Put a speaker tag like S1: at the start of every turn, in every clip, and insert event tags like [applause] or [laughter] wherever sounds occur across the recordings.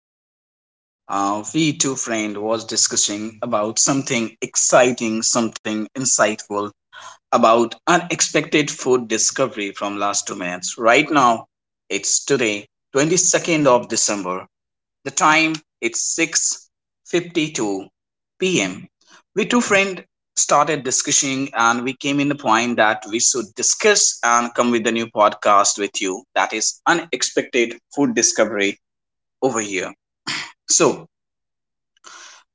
S1: hi listener. We two friend was discussing about something exciting, something insightful about unexpected food discovery from last 2 minutes. Right now, it's today, 22nd of December. The time it's 6:52 p.m. We two friend started discussing and we came in the point that we should discuss and come with a new podcast with you that is unexpected food discovery over here. So,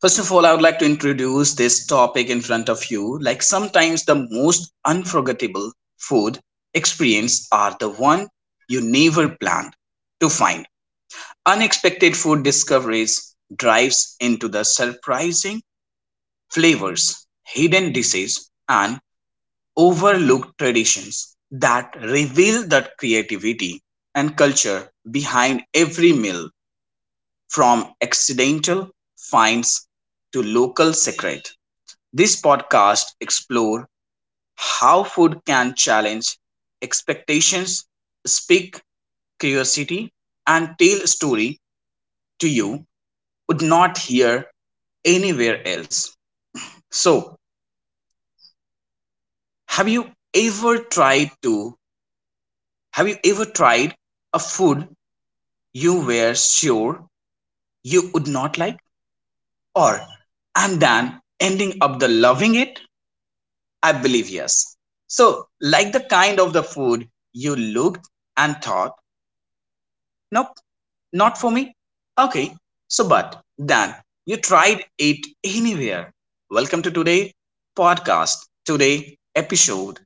S1: first of all, I would like to introduce this topic in front of you. Like, sometimes the most unforgettable food experience are the one you never planned to find. Unexpected food discoveries drives into the surprising flavors, hidden dishes, and overlooked traditions that reveal the creativity and culture behind every meal. From accidental finds to local secret. This podcast explores how food can challenge expectations, speak curiosity, and tell a story to you would not hear anywhere else. So, have you ever tried to have you ever tried a food you were sure you would not like or and then ending up the loving it? I believe yes. So, like the kind of the food you looked and thought, nope, not for me. Okay, so but then you tried it anywhere. Welcome to today podcast. Today episode,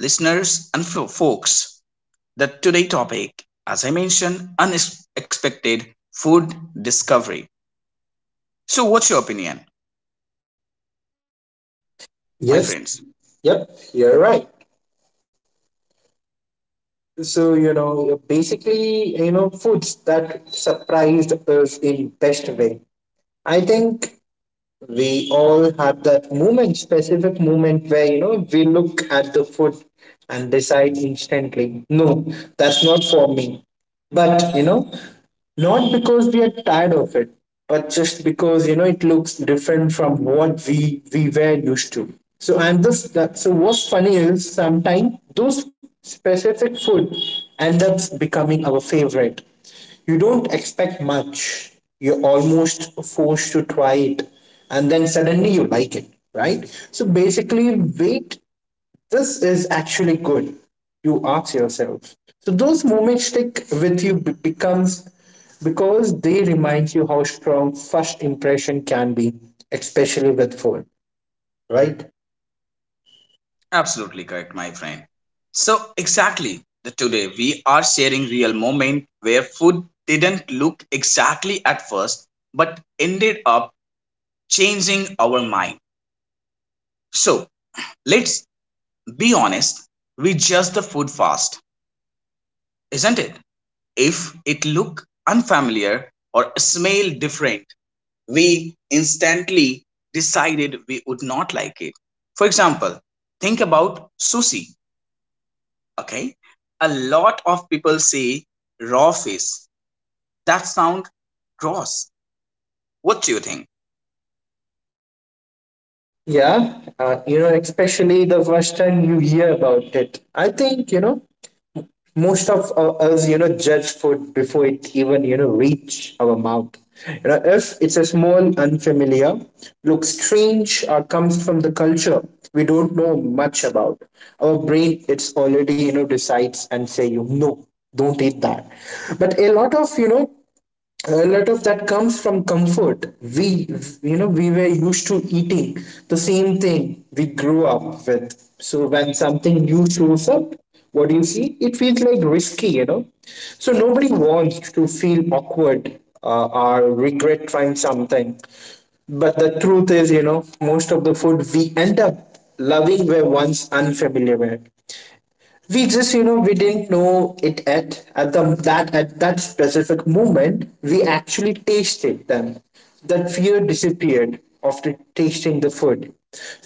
S1: listeners and folks. The today topic, as I mentioned, unexpected food discovery. So, what's your opinion, my
S2: Yes,
S1: friends?
S2: yep, you're right. So, basically, foods that surprised us in best way. I think we all have that moment specific moment where we look at the food and decide instantly no, that's not for me, but not because we are tired of it, but just because it looks different from what we were used to. So and this that so what's funny is sometimes those specific food end up becoming our favorite. You don't expect much. You're almost forced to try it, and then suddenly you like it, right? So basically, wait, this is actually good, you ask yourself. So those moments stick with you becomes because they remind you how strong first impression can be, especially with food, right?
S1: Absolutely correct, my friend. So, exactly. The, today we are sharing real moment where food didn't look exactly at first but ended up changing our mind. So, let's be honest, we judge the food fast, isn't it? If it look unfamiliar or smell different, we instantly decided we would not like it. For example, think about sushi. Okay, a lot of people say raw fish, that sounds gross. What do you think?
S2: Yeah, especially the first time you hear about it. I think, most of us judge food before it even reach our mouth. You know, if it's a small unfamiliar, looks strange, or comes from the culture we don't know much about, our brain, it's already decides and say you no, don't eat that. But a lot of, a lot of that comes from comfort. We We were used to eating the same thing we grew up with. So when something new shows up, what do you see, it feels like risky, so nobody wants to feel awkward or regret trying something. But the truth is, most of the food we end up loving were once unfamiliar. We just, we didn't know it at that specific moment we actually tasted them. That fear disappeared after tasting the food.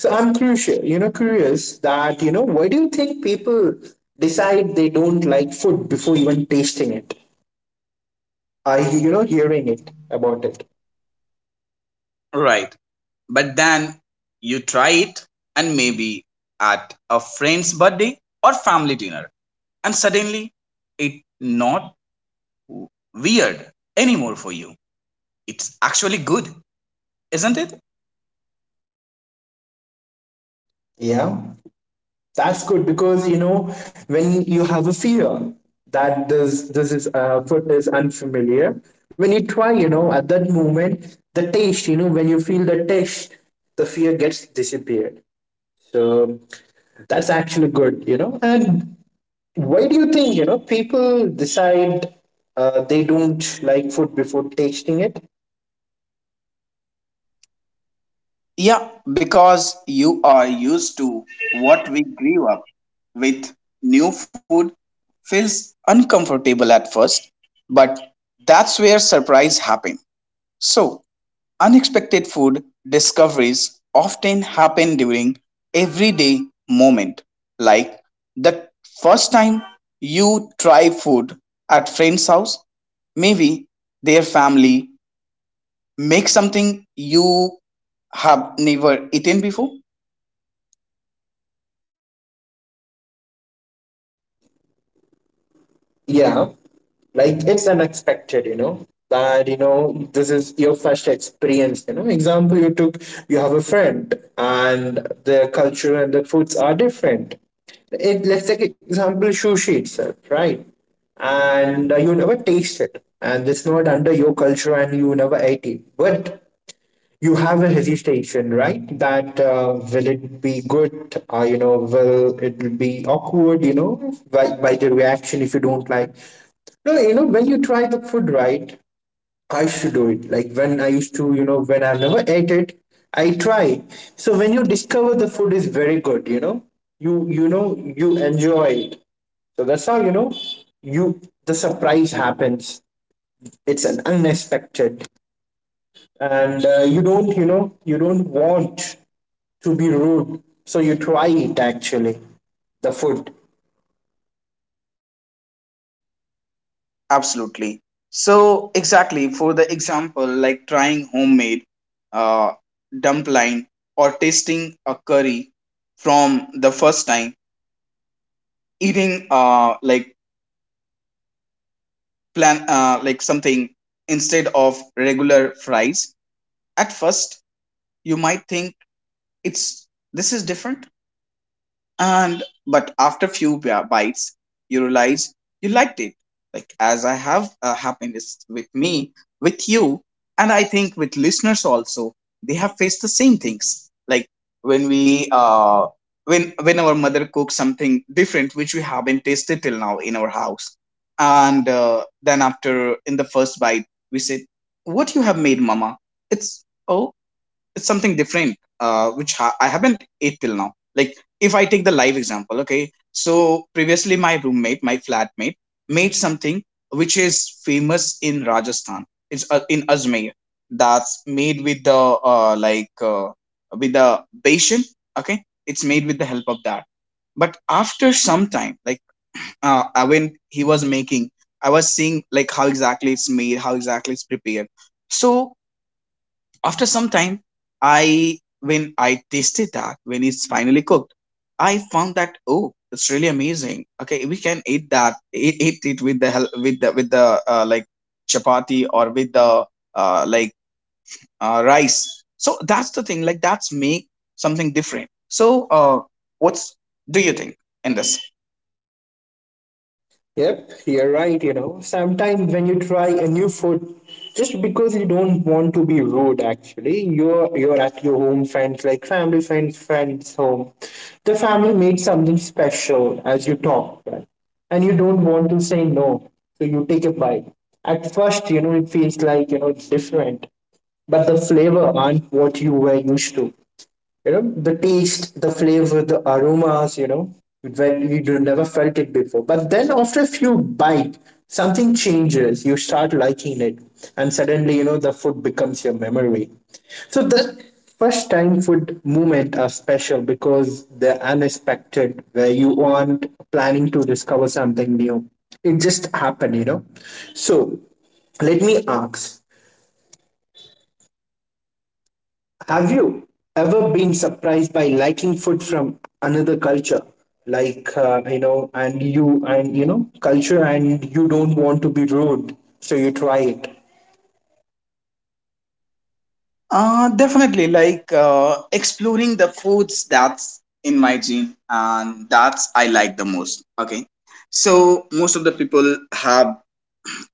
S2: So I'm crucial, curious, that why do you think people decide they don't like food before even tasting it, I hearing it about it?
S1: Right, but then you try it, and maybe at a friend's birthday or family dinner, and suddenly it not weird anymore for you, it's actually good, isn't it?
S2: Yeah, that's good because when you have a fear that this is food is unfamiliar. When you try, at that moment, the taste, when you feel the taste, the fear gets disappeared. So that's actually good, And why do you think people decide they don't like food before tasting it?
S1: Yeah, because you are used to what we grew up with. New food feels uncomfortable at first, but that's where surprise happen. So, unexpected food discoveries often happen during everyday moment, like the first time you try food at friend's house, maybe their family make something you have never eaten before.
S2: Yeah, like it's unexpected, that this is your first experience, example you took. You have a friend and their culture and the foods are different. It, let's take example sushi itself, right? And you never taste it and it's not under your culture and you never ate it, but you have a hesitation, right? That will it be good? Will it be awkward? By the reaction if you don't like. No, when you try the food, right, I should do it. Like when I used to, when I've never ate it, I try. So when you discover the food is very good, you enjoy it. So that's how you the surprise happens. It's an unexpected, and you don't, you don't want to be rude. So you try it actually, the food.
S1: Absolutely. So exactly for the example, like trying homemade uh, dumpling or tasting a curry from the first time, eating like plan like something instead of regular fries. At first, you might think it's this is different, and but after few bites you realize you liked it, like as I have happiness with me with you, and I think with listeners also they have faced the same things. Like when we uh when our mother cooks something different which we haven't tasted till now in our house, and then after in the first bite we said, what you have made mama, it's, oh, it's something different, I haven't ate till now. Like if I take the live example, okay, so previously my roommate, my flatmate made something which is famous in Rajasthan, it's in Ajmer. That's made with the uh, like uh, with the besan. Okay, it's made with the help of that. But after some time, like, when he was making, I was seeing like how exactly it's made, how exactly it's prepared. So after some time, I when I tasted that when it's finally cooked, I found that oh, it's really amazing. Okay, we can eat that, eat it with the with the like chapati, or with the uh, like rice. So that's the thing. Like that's make something different. So what's, do you think in this?
S2: Yep, you're right, Sometimes when you try a new food, just because you don't want to be rude actually, you're at your home friends, like family friends, friends home. The family made something special as you talk, right? And you don't want to say no. So you take a bite. At first, it feels like, it's different. But the flavor aren't what you were used to. You know, the taste, the flavor, the aromas, when you never felt it before, but then after a few bite something changes, you start liking it. And suddenly, the food becomes your memory. So the first time food movement are special because they're unexpected, where you aren't planning to discover something new. It just happened, so let me ask, have you ever been surprised by liking food from another culture? Like, and culture, and you don't want to be rude, so you try it.
S1: Definitely, like exploring the foods that's in my gene, and that's I like the most. Okay, so most of the people have,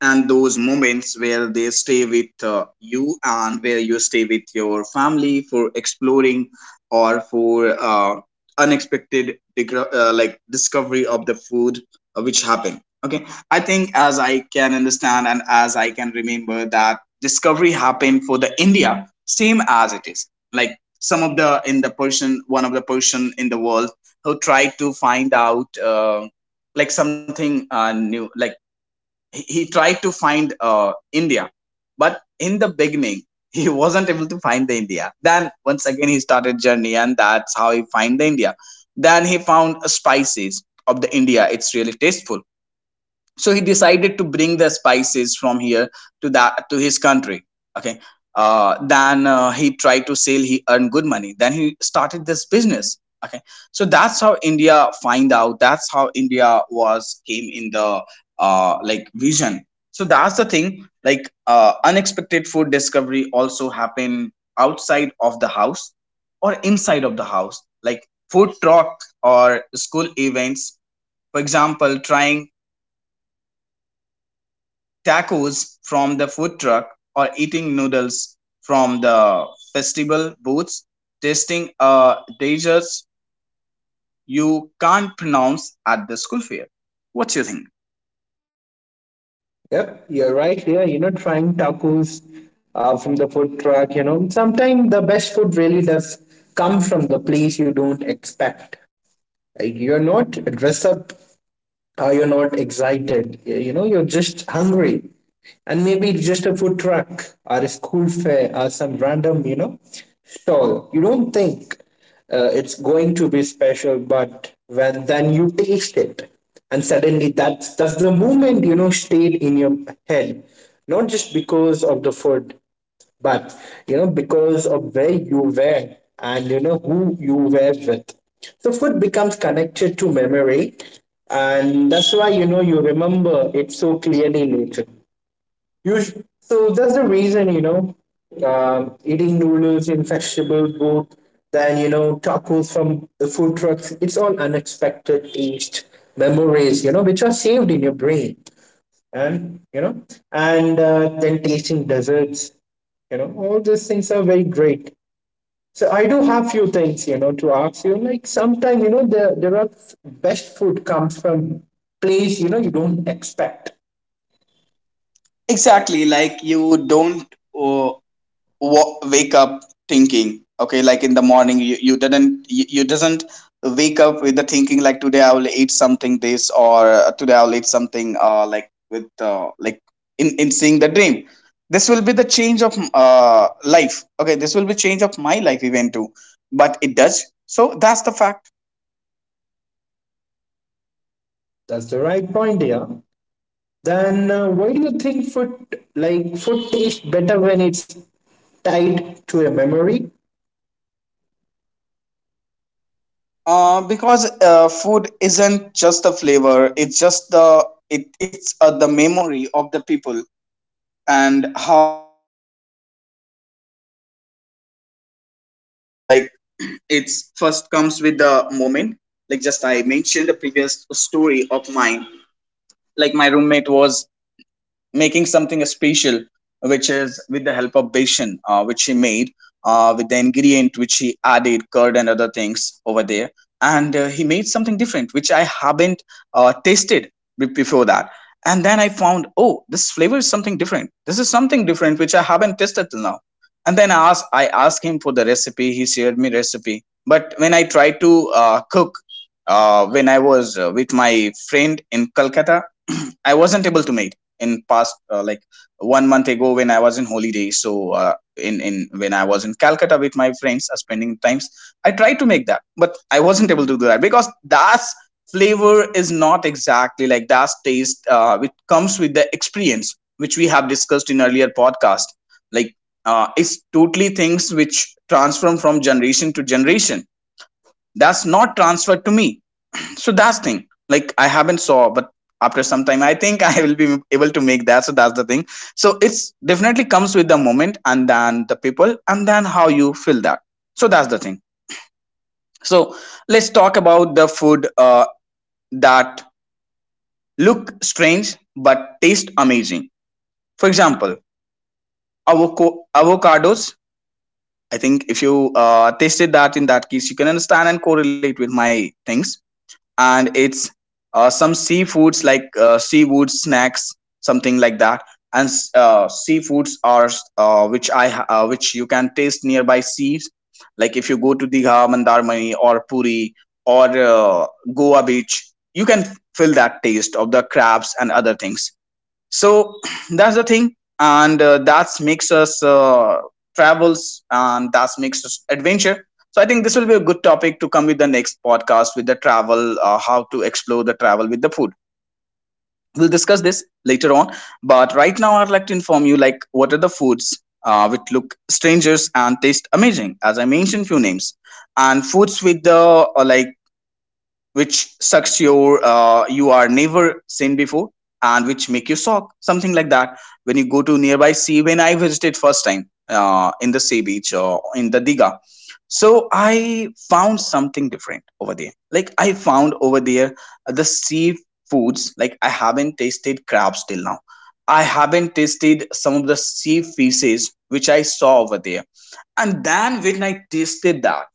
S1: and those moments where they stay with you and where you stay with your family for exploring or for unexpected like discovery of the food which happened. Okay, I think as I can understand and as I can remember, that discovery happened for the India same as it is, like some of the in the person, one of the person in the world who tried to find out like something new, like he tried to find India, but in the beginning [laughs] he wasn't able to find the India. Then once again he started journey, and that's how he find the India. Then he found spices of the India. It's really tasteful, so he decided to bring the spices from here to that, to his country. Okay, then he tried to sell, he earned good money, then he started this business. Okay, so that's how India find out, that's how India was came in the like vision. So that's the thing. Like unexpected food discovery also happen outside of the house or inside of the house, like food truck or school events. For example, trying tacos from the food truck, or eating noodles from the festival booths, tasting a dessert you can't pronounce at the school fair. What you think?
S2: Yep, you're right here, trying tacos from the food truck, Sometimes the best food really does come from the place you don't expect. Like, you're not dressed up, you're not excited. Yeah, you're just hungry, and maybe it's just a food truck or a school fair or some random, stall you don't think it's going to be special. But when then you taste it, and suddenly that's the moment stayed in your head, not just because of the food, but because of where you were and who you were with. So food becomes connected to memory, and that's why you remember it so clearly later. you sh- so that's the reason, eating noodles in vegetable boat, then tacos from the food trucks, it's all unexpected taste memories, which are saved in your brain. And then tasting desserts, all these things are very great. So I do have few things, to ask you. Like, sometimes there are best food comes from place, you don't expect.
S1: Exactly, like you don't uh, wake up thinking, okay, like in the morning you didn't, you doesn't wake up with the thinking like today I will eat something this, or today I will eat something like with like in seeing the dream this will be the change of life. Okay, this will be change of my life even too, but it does. So that's the fact.
S2: That's the right point here. Then why do you think food, food tastes better when it's tied to a memory?
S1: Because food isn't just the flavor, it's just it's the memory of the people and how you feel. So that's the thing. Like [clears throat] it's first comes with the moment. Like just I mentioned the previous story of mine, like my roommate was making something special, which is with the help of Bashan, which he made with the ingredient which he added, curd and other things over there. And he made something different, which I haven't tasted before that. And then I found, oh, this flavor is something different. This is something different which I haven't tasted till now. And then I asked him for the recipe. He shared me recipe. But when I tried to cook, when I was with my friend in Calcutta, [clears throat] I wasn't able to make in past like 1 month ago when I was in holiday. So in when I was in Calcutta with my friends, spending times, I tried to make that, but I wasn't able to do that because that's flavor is not exactly like that taste which comes with the experience which we have discussed in earlier podcast. Like it's totally things which transform from generation to generation, that's not transferred to me. So that's thing, like I haven't saw, but after some time I think [laughs] I will be able to make that. So that's the thing. So it's definitely comes with the moment and then the people and then how you feel that. So that's the thing. So let's talk about the food that look strange but taste amazing. For example, avocados. I think if you tasted that, in that case you can understand and correlate with my things. And it's some seafoods like seafood snacks, something like that. And seafoods are which you can taste nearby seas, like if you go to Digha, Mandarmani or Puri, or Goa beach, you can feel that taste of the crabs and other things. So [clears throat] that's the thing, and that makes us travels, and that makes us adventure. So I think this will be a good topic to come with the next podcast with the travel, how to explore the travel with the food. We'll discuss this later on. But right now I'd like to inform you, like what are the foods which look strangers and taste amazing, as I mentioned few names. And foods with the uh, like which sucks your you are never seen before, and which make you shock something like that. When you go to nearby sea, when I visited first time in the sea beach or in the diga so I found something different over there. Like I found over there the seafoods, like I haven't tasted crabs till now, I haven't tasted some of the sea fishes which I saw over there. And then when I tasted that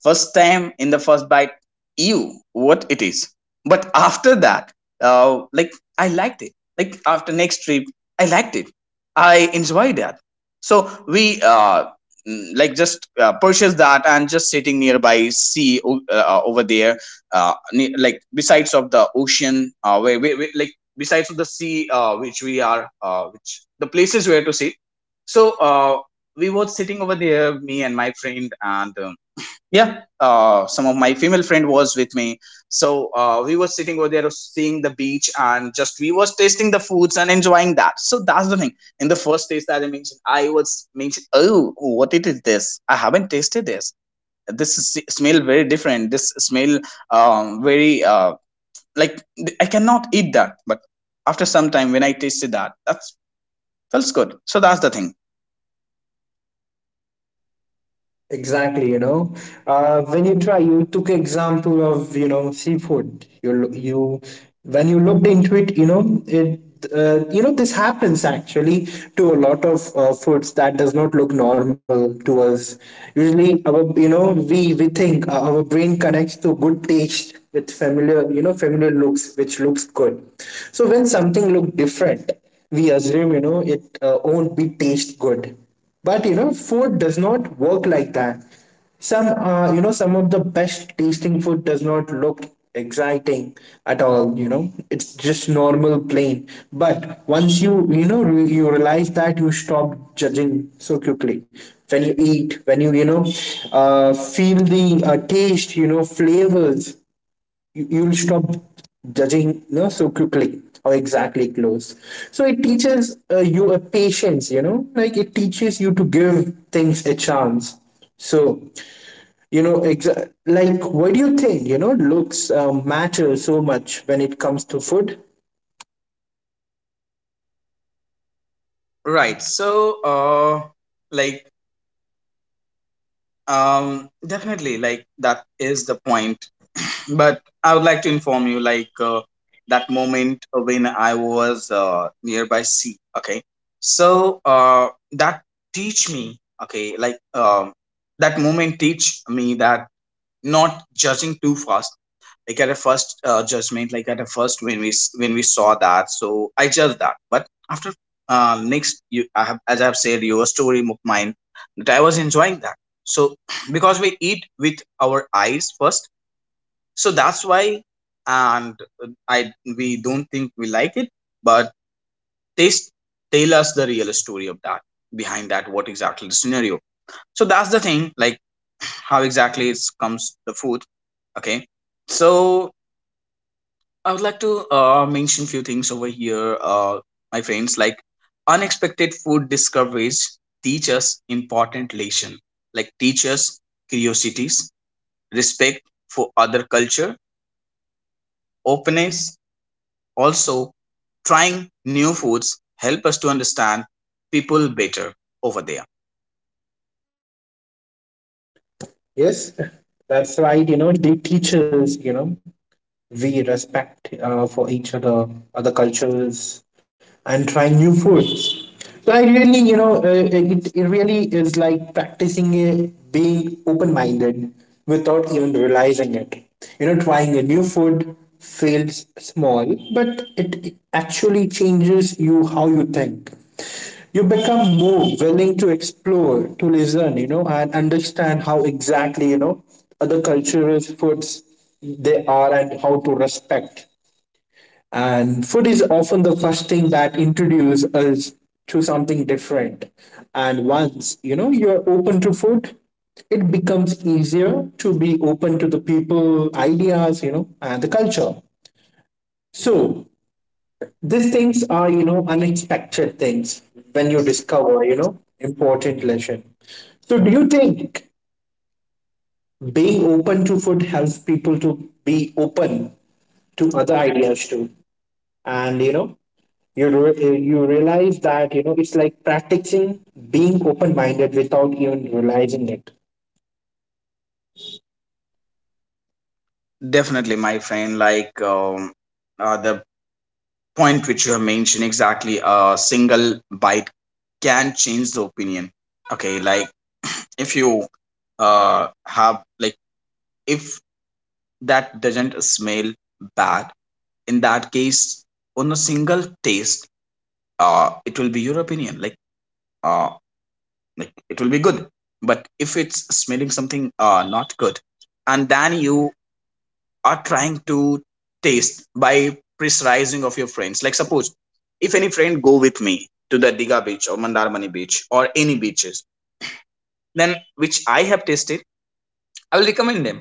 S1: first time, in the first bite, ew, what it is. But after that like I liked it, like after next trip I liked it, I enjoyed that. So we like just purchase that and just sitting nearby sea Over there, like besides of the ocean, where we like besides of the sea, which we are, which the places where to sit. So we were sitting over there, me and my friend, and yeah, some of my female friend was with me. So we were sitting over there seeing the beach and just we was tasting the foods and enjoying that. So that's the thing, in the first taste that I mentioned, I was mentioned, oh what it is this, I haven't tasted this. This is, smell very different, this smell, very like I cannot eat that. But after some time when I tasted that, that felt good. So that's the thing.
S2: Exactly, when you try, you took example of seafood. You, when you looked into it, this happens actually to a lot of foods that does not look normal to us. Usually, our, we think, our brain connects to good taste with familiar, familiar looks, which looks good. So when something look different, we assume, it won't be taste good. But food does not work like that. Some, some of the best tasting food does not look exciting at all. It's just normal, plain. But once you, you realize that, you stop judging so quickly. When you eat, feel the taste, flavors, you'll stop judging, so quickly or exactly close. So it teaches you a patience, like it teaches you to give things a chance. So like what do you think, looks matter so much when it comes to food?
S1: Right, so, uh, like definitely, like that is the point. But I would like to inform you, like that moment when I was nearby sea. Okay, so that teach me. Okay, like that moment teach me that not judging too fast, like at a first judgment, like at a first when when we saw that, so I judged that. But after, next you, I have as I've said your story mine, that I was enjoying that. So [clears throat] because we eat with our eyes first, so that's why. And I, we don't think we like it, but taste tell us the real story of that, behind that, what exactly the scenario. So that's the thing, like [clears throat] how exactly it comes the food. Okay, so I would like to mention few things over here, my friends. Like unexpected food discoveries teach us important lesson. Like teach us curiosities, respect for other culture, openness. Also, trying new foods help us to understand people better over there.
S2: Yes, that's right, they teach us, we respect for each other, other cultures, and trying new foods. So I really, it really is like practicing it, being open minded without even realizing it. Trying a new food feels small, but it actually changes you how you think. You become more willing to explore, to listen, and understand how exactly, other cultures, foods they are and how to respect. And food is often the first thing that introduces us to something different. And once you're open to food, it becomes easier to be open to the people, ideas, and the culture. So these things are, unexpected things, when you discover, important lesson. So do you think being open to food helps people to be open to other ideas too? And you realize that, it's like practicing being open minded without even realizing it.
S1: Definitely, my friend. Like the point which you have mentioned exactly, a single bite can change the opinion. Okay, like if you have like, if that doesn't smell bad, in that case on a single taste, it will be your opinion, uh, like it will be good. But if it's smelling something not good, and then you are trying to taste by pressurizing of your friends. Like suppose if any friend go with me to the Diga Beach or Mandarmani Beach or any beaches, then, which I have tasted, I will recommend them.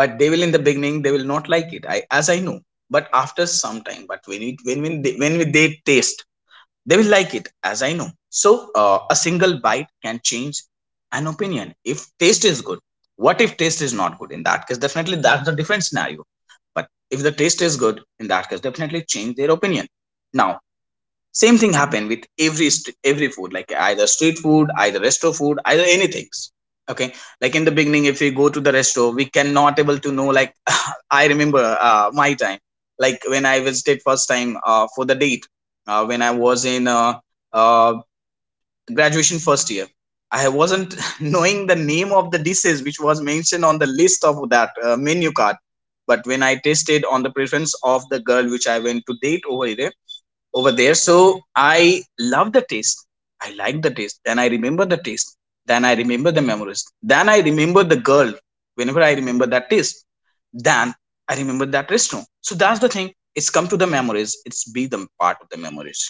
S1: But they will, in the beginning they will not like it, I as I know. But after some time, but when it, when when they taste, they will like it, as I know. So a single bite can change an opinion if taste is good. What if taste is not good? In that case definitely that's the different scenario. But if the taste is good, in that case definitely change their opinion. Now same thing happen with every every food, like either street food, either resto food, either anything. Okay, like in the beginning if we go to the resto, we cannot able to know, like [laughs] I remember my time, like when I visited first time for the date, when I was in uh, graduation first year, I wasn't [laughs] knowing the name of the dishes which was mentioned on the list of that menu card. But when I tasted on the preference of the girl which I went to date over there. So I love the taste. I like the taste. Then I remember the taste. Then I remember the memories. Then I remember the girl. Whenever I remember that taste, then I remember that restaurant. So that's the thing. It's come to the memories. It's be the part of the memories.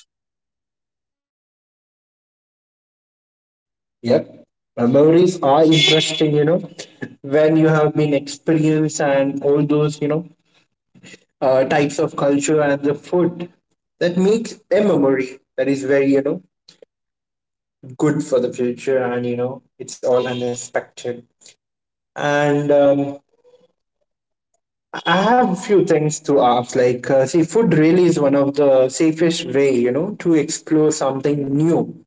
S2: Yep, memories are interesting, when you have been experienced and all those, types of culture and the food, that makes a memory that is very, good for the future. And it's all unexpected. And I have a few things to ask. Like, see, food really is one of the safest way, to explore something new.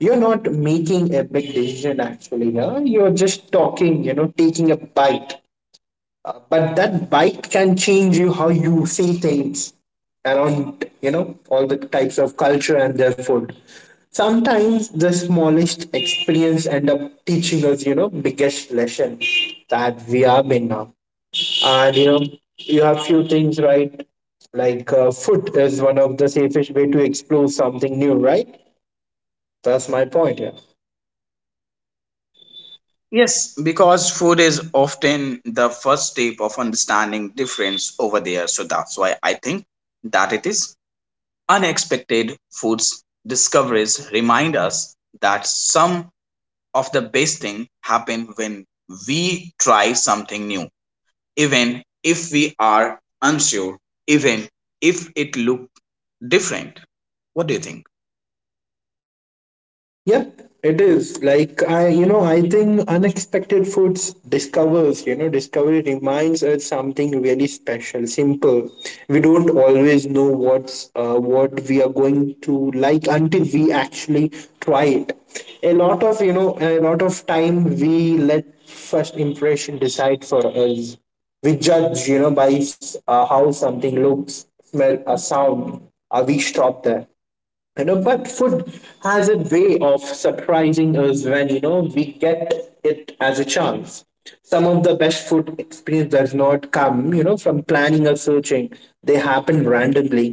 S2: You're not making a big decision actually here. You're just talking, taking a bite. But that bite can change you how you see things around, all the types of culture and their food. Sometimes the smallest experience end up teaching us, biggest lesson that we have been now. And you have few things right, like food is one of the safest way to explore something new, right? That's my point. Yeah,
S1: Yes, because food is often the first step of understanding difference over there. So that's why I think that it is, unexpected foods discoveries remind us that some of the best thing happen when we try something new, even if we are unsure, even if it look different. What do you think?
S2: yep, it is. Like I, I think unexpected foods discovers, discovery reminds us something really special, simple. We don't always know what's what we are going to like until we actually try it. A lot of time we let first impression decide for us. We judge, by how something looks, smell, a sound. We stop there, but food has a way of surprising us when we get it as a chance. Some of the best food experience does not come from planning or searching. They happen randomly.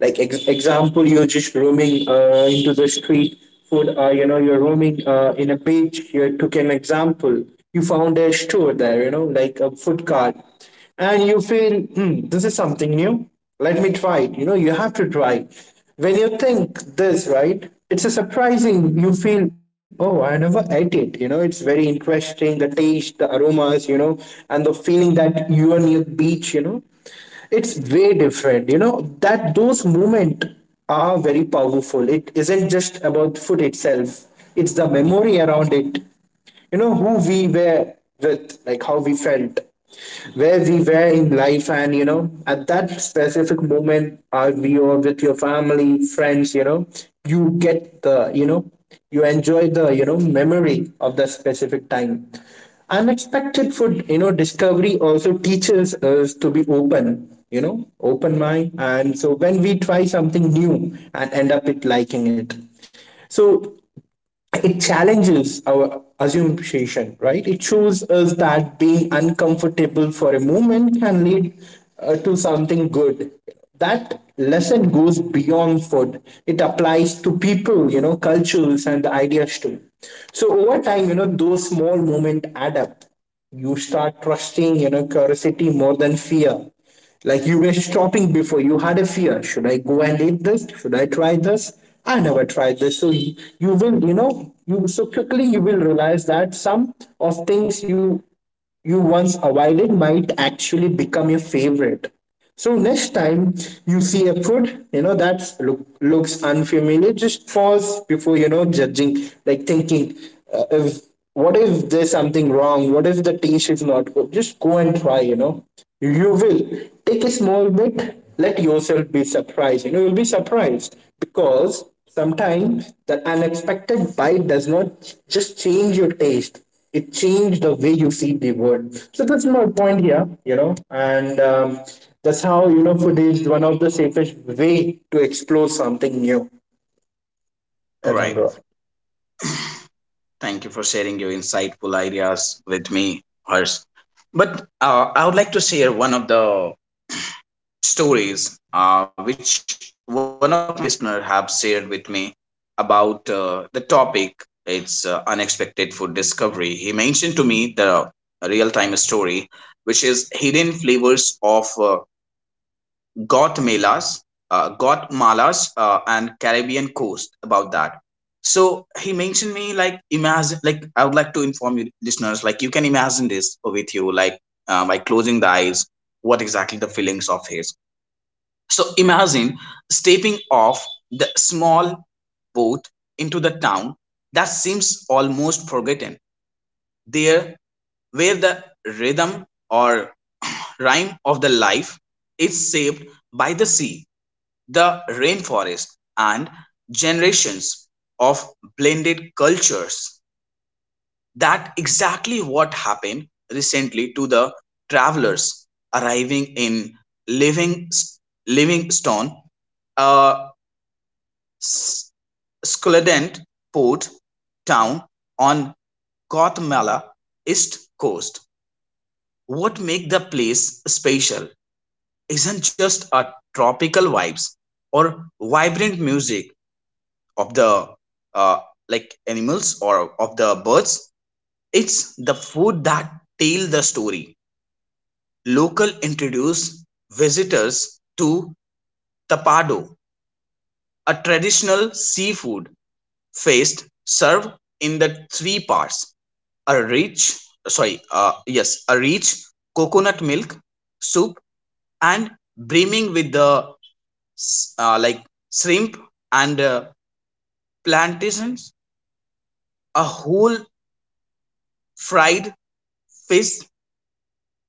S2: Like example, you're just roaming into the street food. You're roaming in a beach, you took an example. You found a store there, like a food cart. And you feel, hmm, this is something new. Let me try it. You have to try. When you think this, right, it's a surprising. You feel, oh, I never ate it. It's very interesting, the taste, the aromas and the feeling that you are near beach, it's way different. That those moments are very powerful. It isn't just about food itself, it's the memory around it. Who we were with, like how we felt, where we were in life, and at that specific moment, are we or with your family, friends you get the, you enjoy the memory of that specific time. Unexpected food discovery also teaches us to be open, open mind. And so when we try something new and end up it liking it, so it challenges our assumption, right? It shows us that being uncomfortable for a moment can lead to something good. That lesson goes beyond food. It applies to people, cultures and ideas too. So over time, those small moments add up. You start trusting, curiosity more than fear. Like you were stopping before, you had a fear. Should I go and eat this? Should I try this? I never tried this. So you so quickly you will realize that some of things you once avoided might actually become your favorite. So next time you see a food, that looks unfamiliar, just pause before judging, like thinking, if what if there's something wrong? What if the taste is not good? Just go and try, you know. You will take a small bit, let yourself be surprised. You'll be surprised because sometimes the unexpected bite does not just change your taste, it changed the way you see the world. So that's my point here and that's how food is one of the safest way to explore something new.
S1: All
S2: If I'm
S1: right,
S2: wrong.
S1: thank you for sharing your insightful ideas with me, hers. But I would like to share one of the stories, which one of my listeners have shared with me about the topic. It's unexpected food discovery. He mentioned to me the real time story, which is hidden flavors of Guatemalas, Guatemala's and Caribbean coast about that. So he mentioned me, like imagine, like I would like to inform you listeners, like you can imagine this with you, like by closing the eyes, what exactly the feelings of his. So imagine stepping off the small boat into the town that seems almost forgotten. There, where the rhythm or rhyme of the life is shaped by the sea, the rainforest, and generations of blended cultures. That exactly what happened recently to the travelers arriving in Living, Livingstone, a Skuldent port town on Guatemala east coast. What makes the place special isn't just a tropical vibes or vibrant music of the, uh, like animals or of the birds. It's the food that tell the story. Local introduce visitors to tapado, a traditional seafood feast served in the three parts, a rich, sorry, yes a rich coconut milk soup and brimming with the like shrimp and plantains, a whole fried fish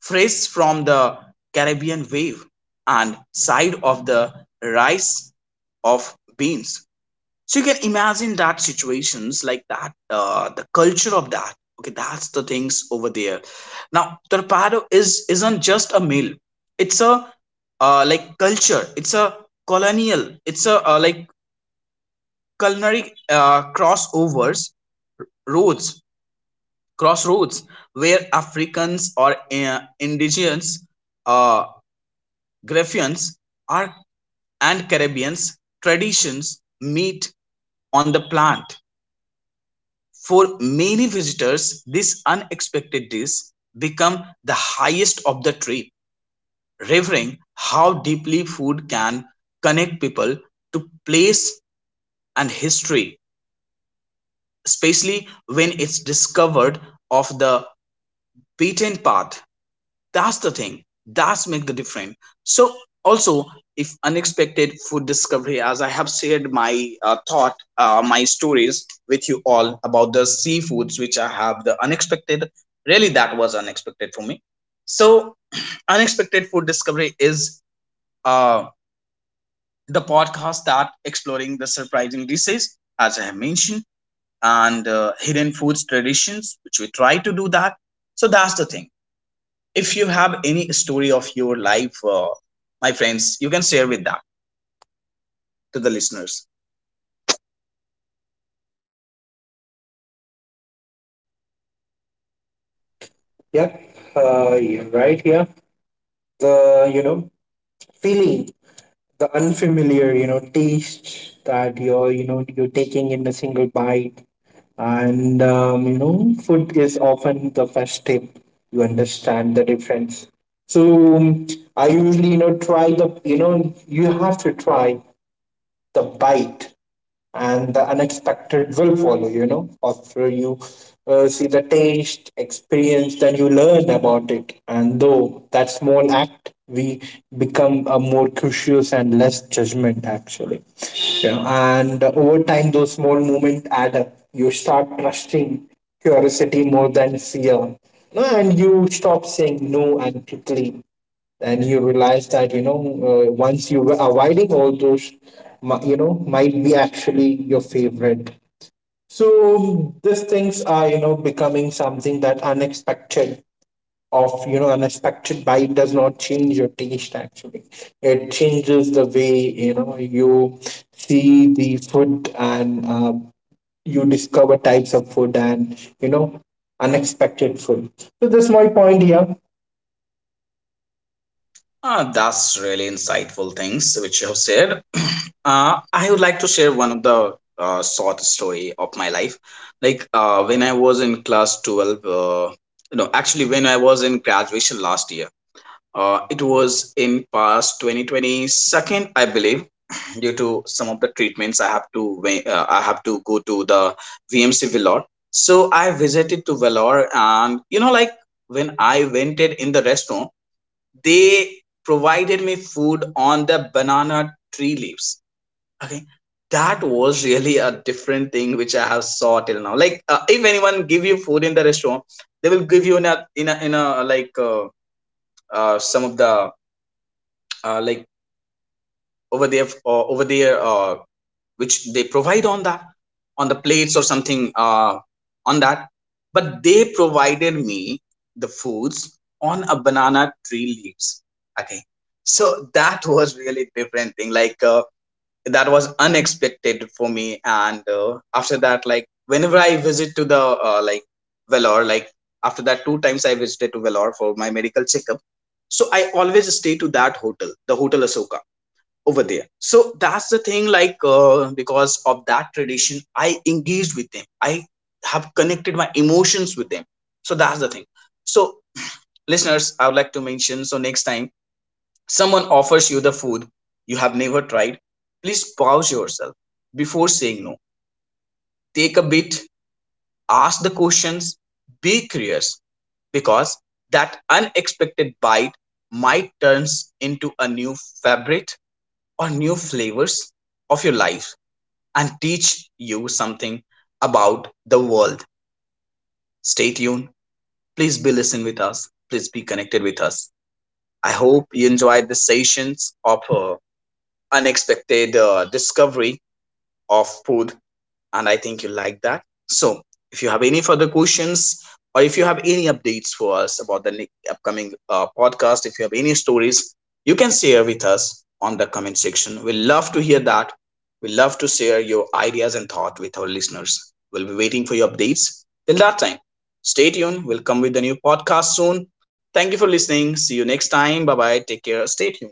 S1: fresh from the Caribbean wave, and side of the rice of beans. So you can imagine that situations like that, the culture of that. Okay, that's the things over there. Now, torpedo is isn't just a meal. It's a, like culture. It's a colonial. It's a, like culinary crossovers roads, crossroads, where Africans or indigenous uh, Grecians are, and Caribbeans traditions meet on the plant. For many visitors, this unexpected dish becomes the highest of the trip, revealing how deeply food can connect people to place and history, especially when it's discovered off the beaten path. That's the thing, that's make the difference. So also, if unexpected food discovery, as I have shared my thought, my stories with you all about the seafoods, which I have the unexpected, really that was unexpected for me. So unexpected food discovery is uh, the podcast that exploring the surprising dishes, as I have mentioned, and hidden foods traditions which we try to do that. So that's the thing. If you have any story of your life, my friends, you can share with that to the listeners.
S2: Yeah, you're right here. The feeling the unfamiliar, taste that you're you know you're taking in a single bite. And food is often the first step. You understand the difference. So I usually, try the, you have to try the bite, and the unexpected will follow. After you see the taste, experience, then you learn about it. And though that small act, we become a more curious and less judgment actually. Yeah. And over time, those small moments add up. You start trusting curiosity more than fear. No, and you stop saying no and quickly. And you realize that once you were avoiding all those, might be actually your favorite. So these things are becoming something that unexpected of unexpected bite does not change your taste actually. It changes the way you see the food, and you discover types of food, and unexpected food. So that's my point here.
S1: That's really insightful things which you have said. [clears throat] I would like to share one of the short story of my life. Like when I was in class 12, no, actually when I was in graduation last year, it was in past 2022nd, I believe. Due to some of the treatments I have to I have to go to the VMC Vellore. So I visited to Vellore, and you know, like when I went in the restaurant, they provided me food on the banana tree leaves. Okay, that was really a different thing which I have saw till now. Like if anyone give you food in the restaurant, they will give you in a, in a like some of the, like over there, which they provide on that, on the plates or something, on that. But they provided me the foods on a banana tree leaves. Okay, so that [laughs] was really different thing. Like that was unexpected for me. And after that, like whenever I visit to the, like Vellore, like after that 2 times I visited to Vellore for my medical checkup. So I always stay to that hotel, the Hotel Asoka, over there. So that's the thing, like because of that tradition I engaged with them. I have connected my emotions with them. So that's the thing. So listeners, I would like to mention, so next time someone offers you the food you have never tried, please pause yourself before saying no. Take a bit, ask the questions, be curious, because that unexpected bite might turns into a new fabric or new flavors of your life and teach you something about the world. Stay tuned. Please be listen with us. Please be connected with us. I hope you enjoyed the sessions of, unexpected discovery of food, and I think you like that. So, if you have any further questions, or if you have any updates for us about the upcoming podcast, if you have any stories, you can share with us on the comment section. We love to hear that. We love to share your ideas and thought with our listeners. We'll be waiting for your updates. Till that time, stay tuned. We'll come with a new podcast soon. Thank you for listening. See you next time. Bye bye. Take care. Stay tuned.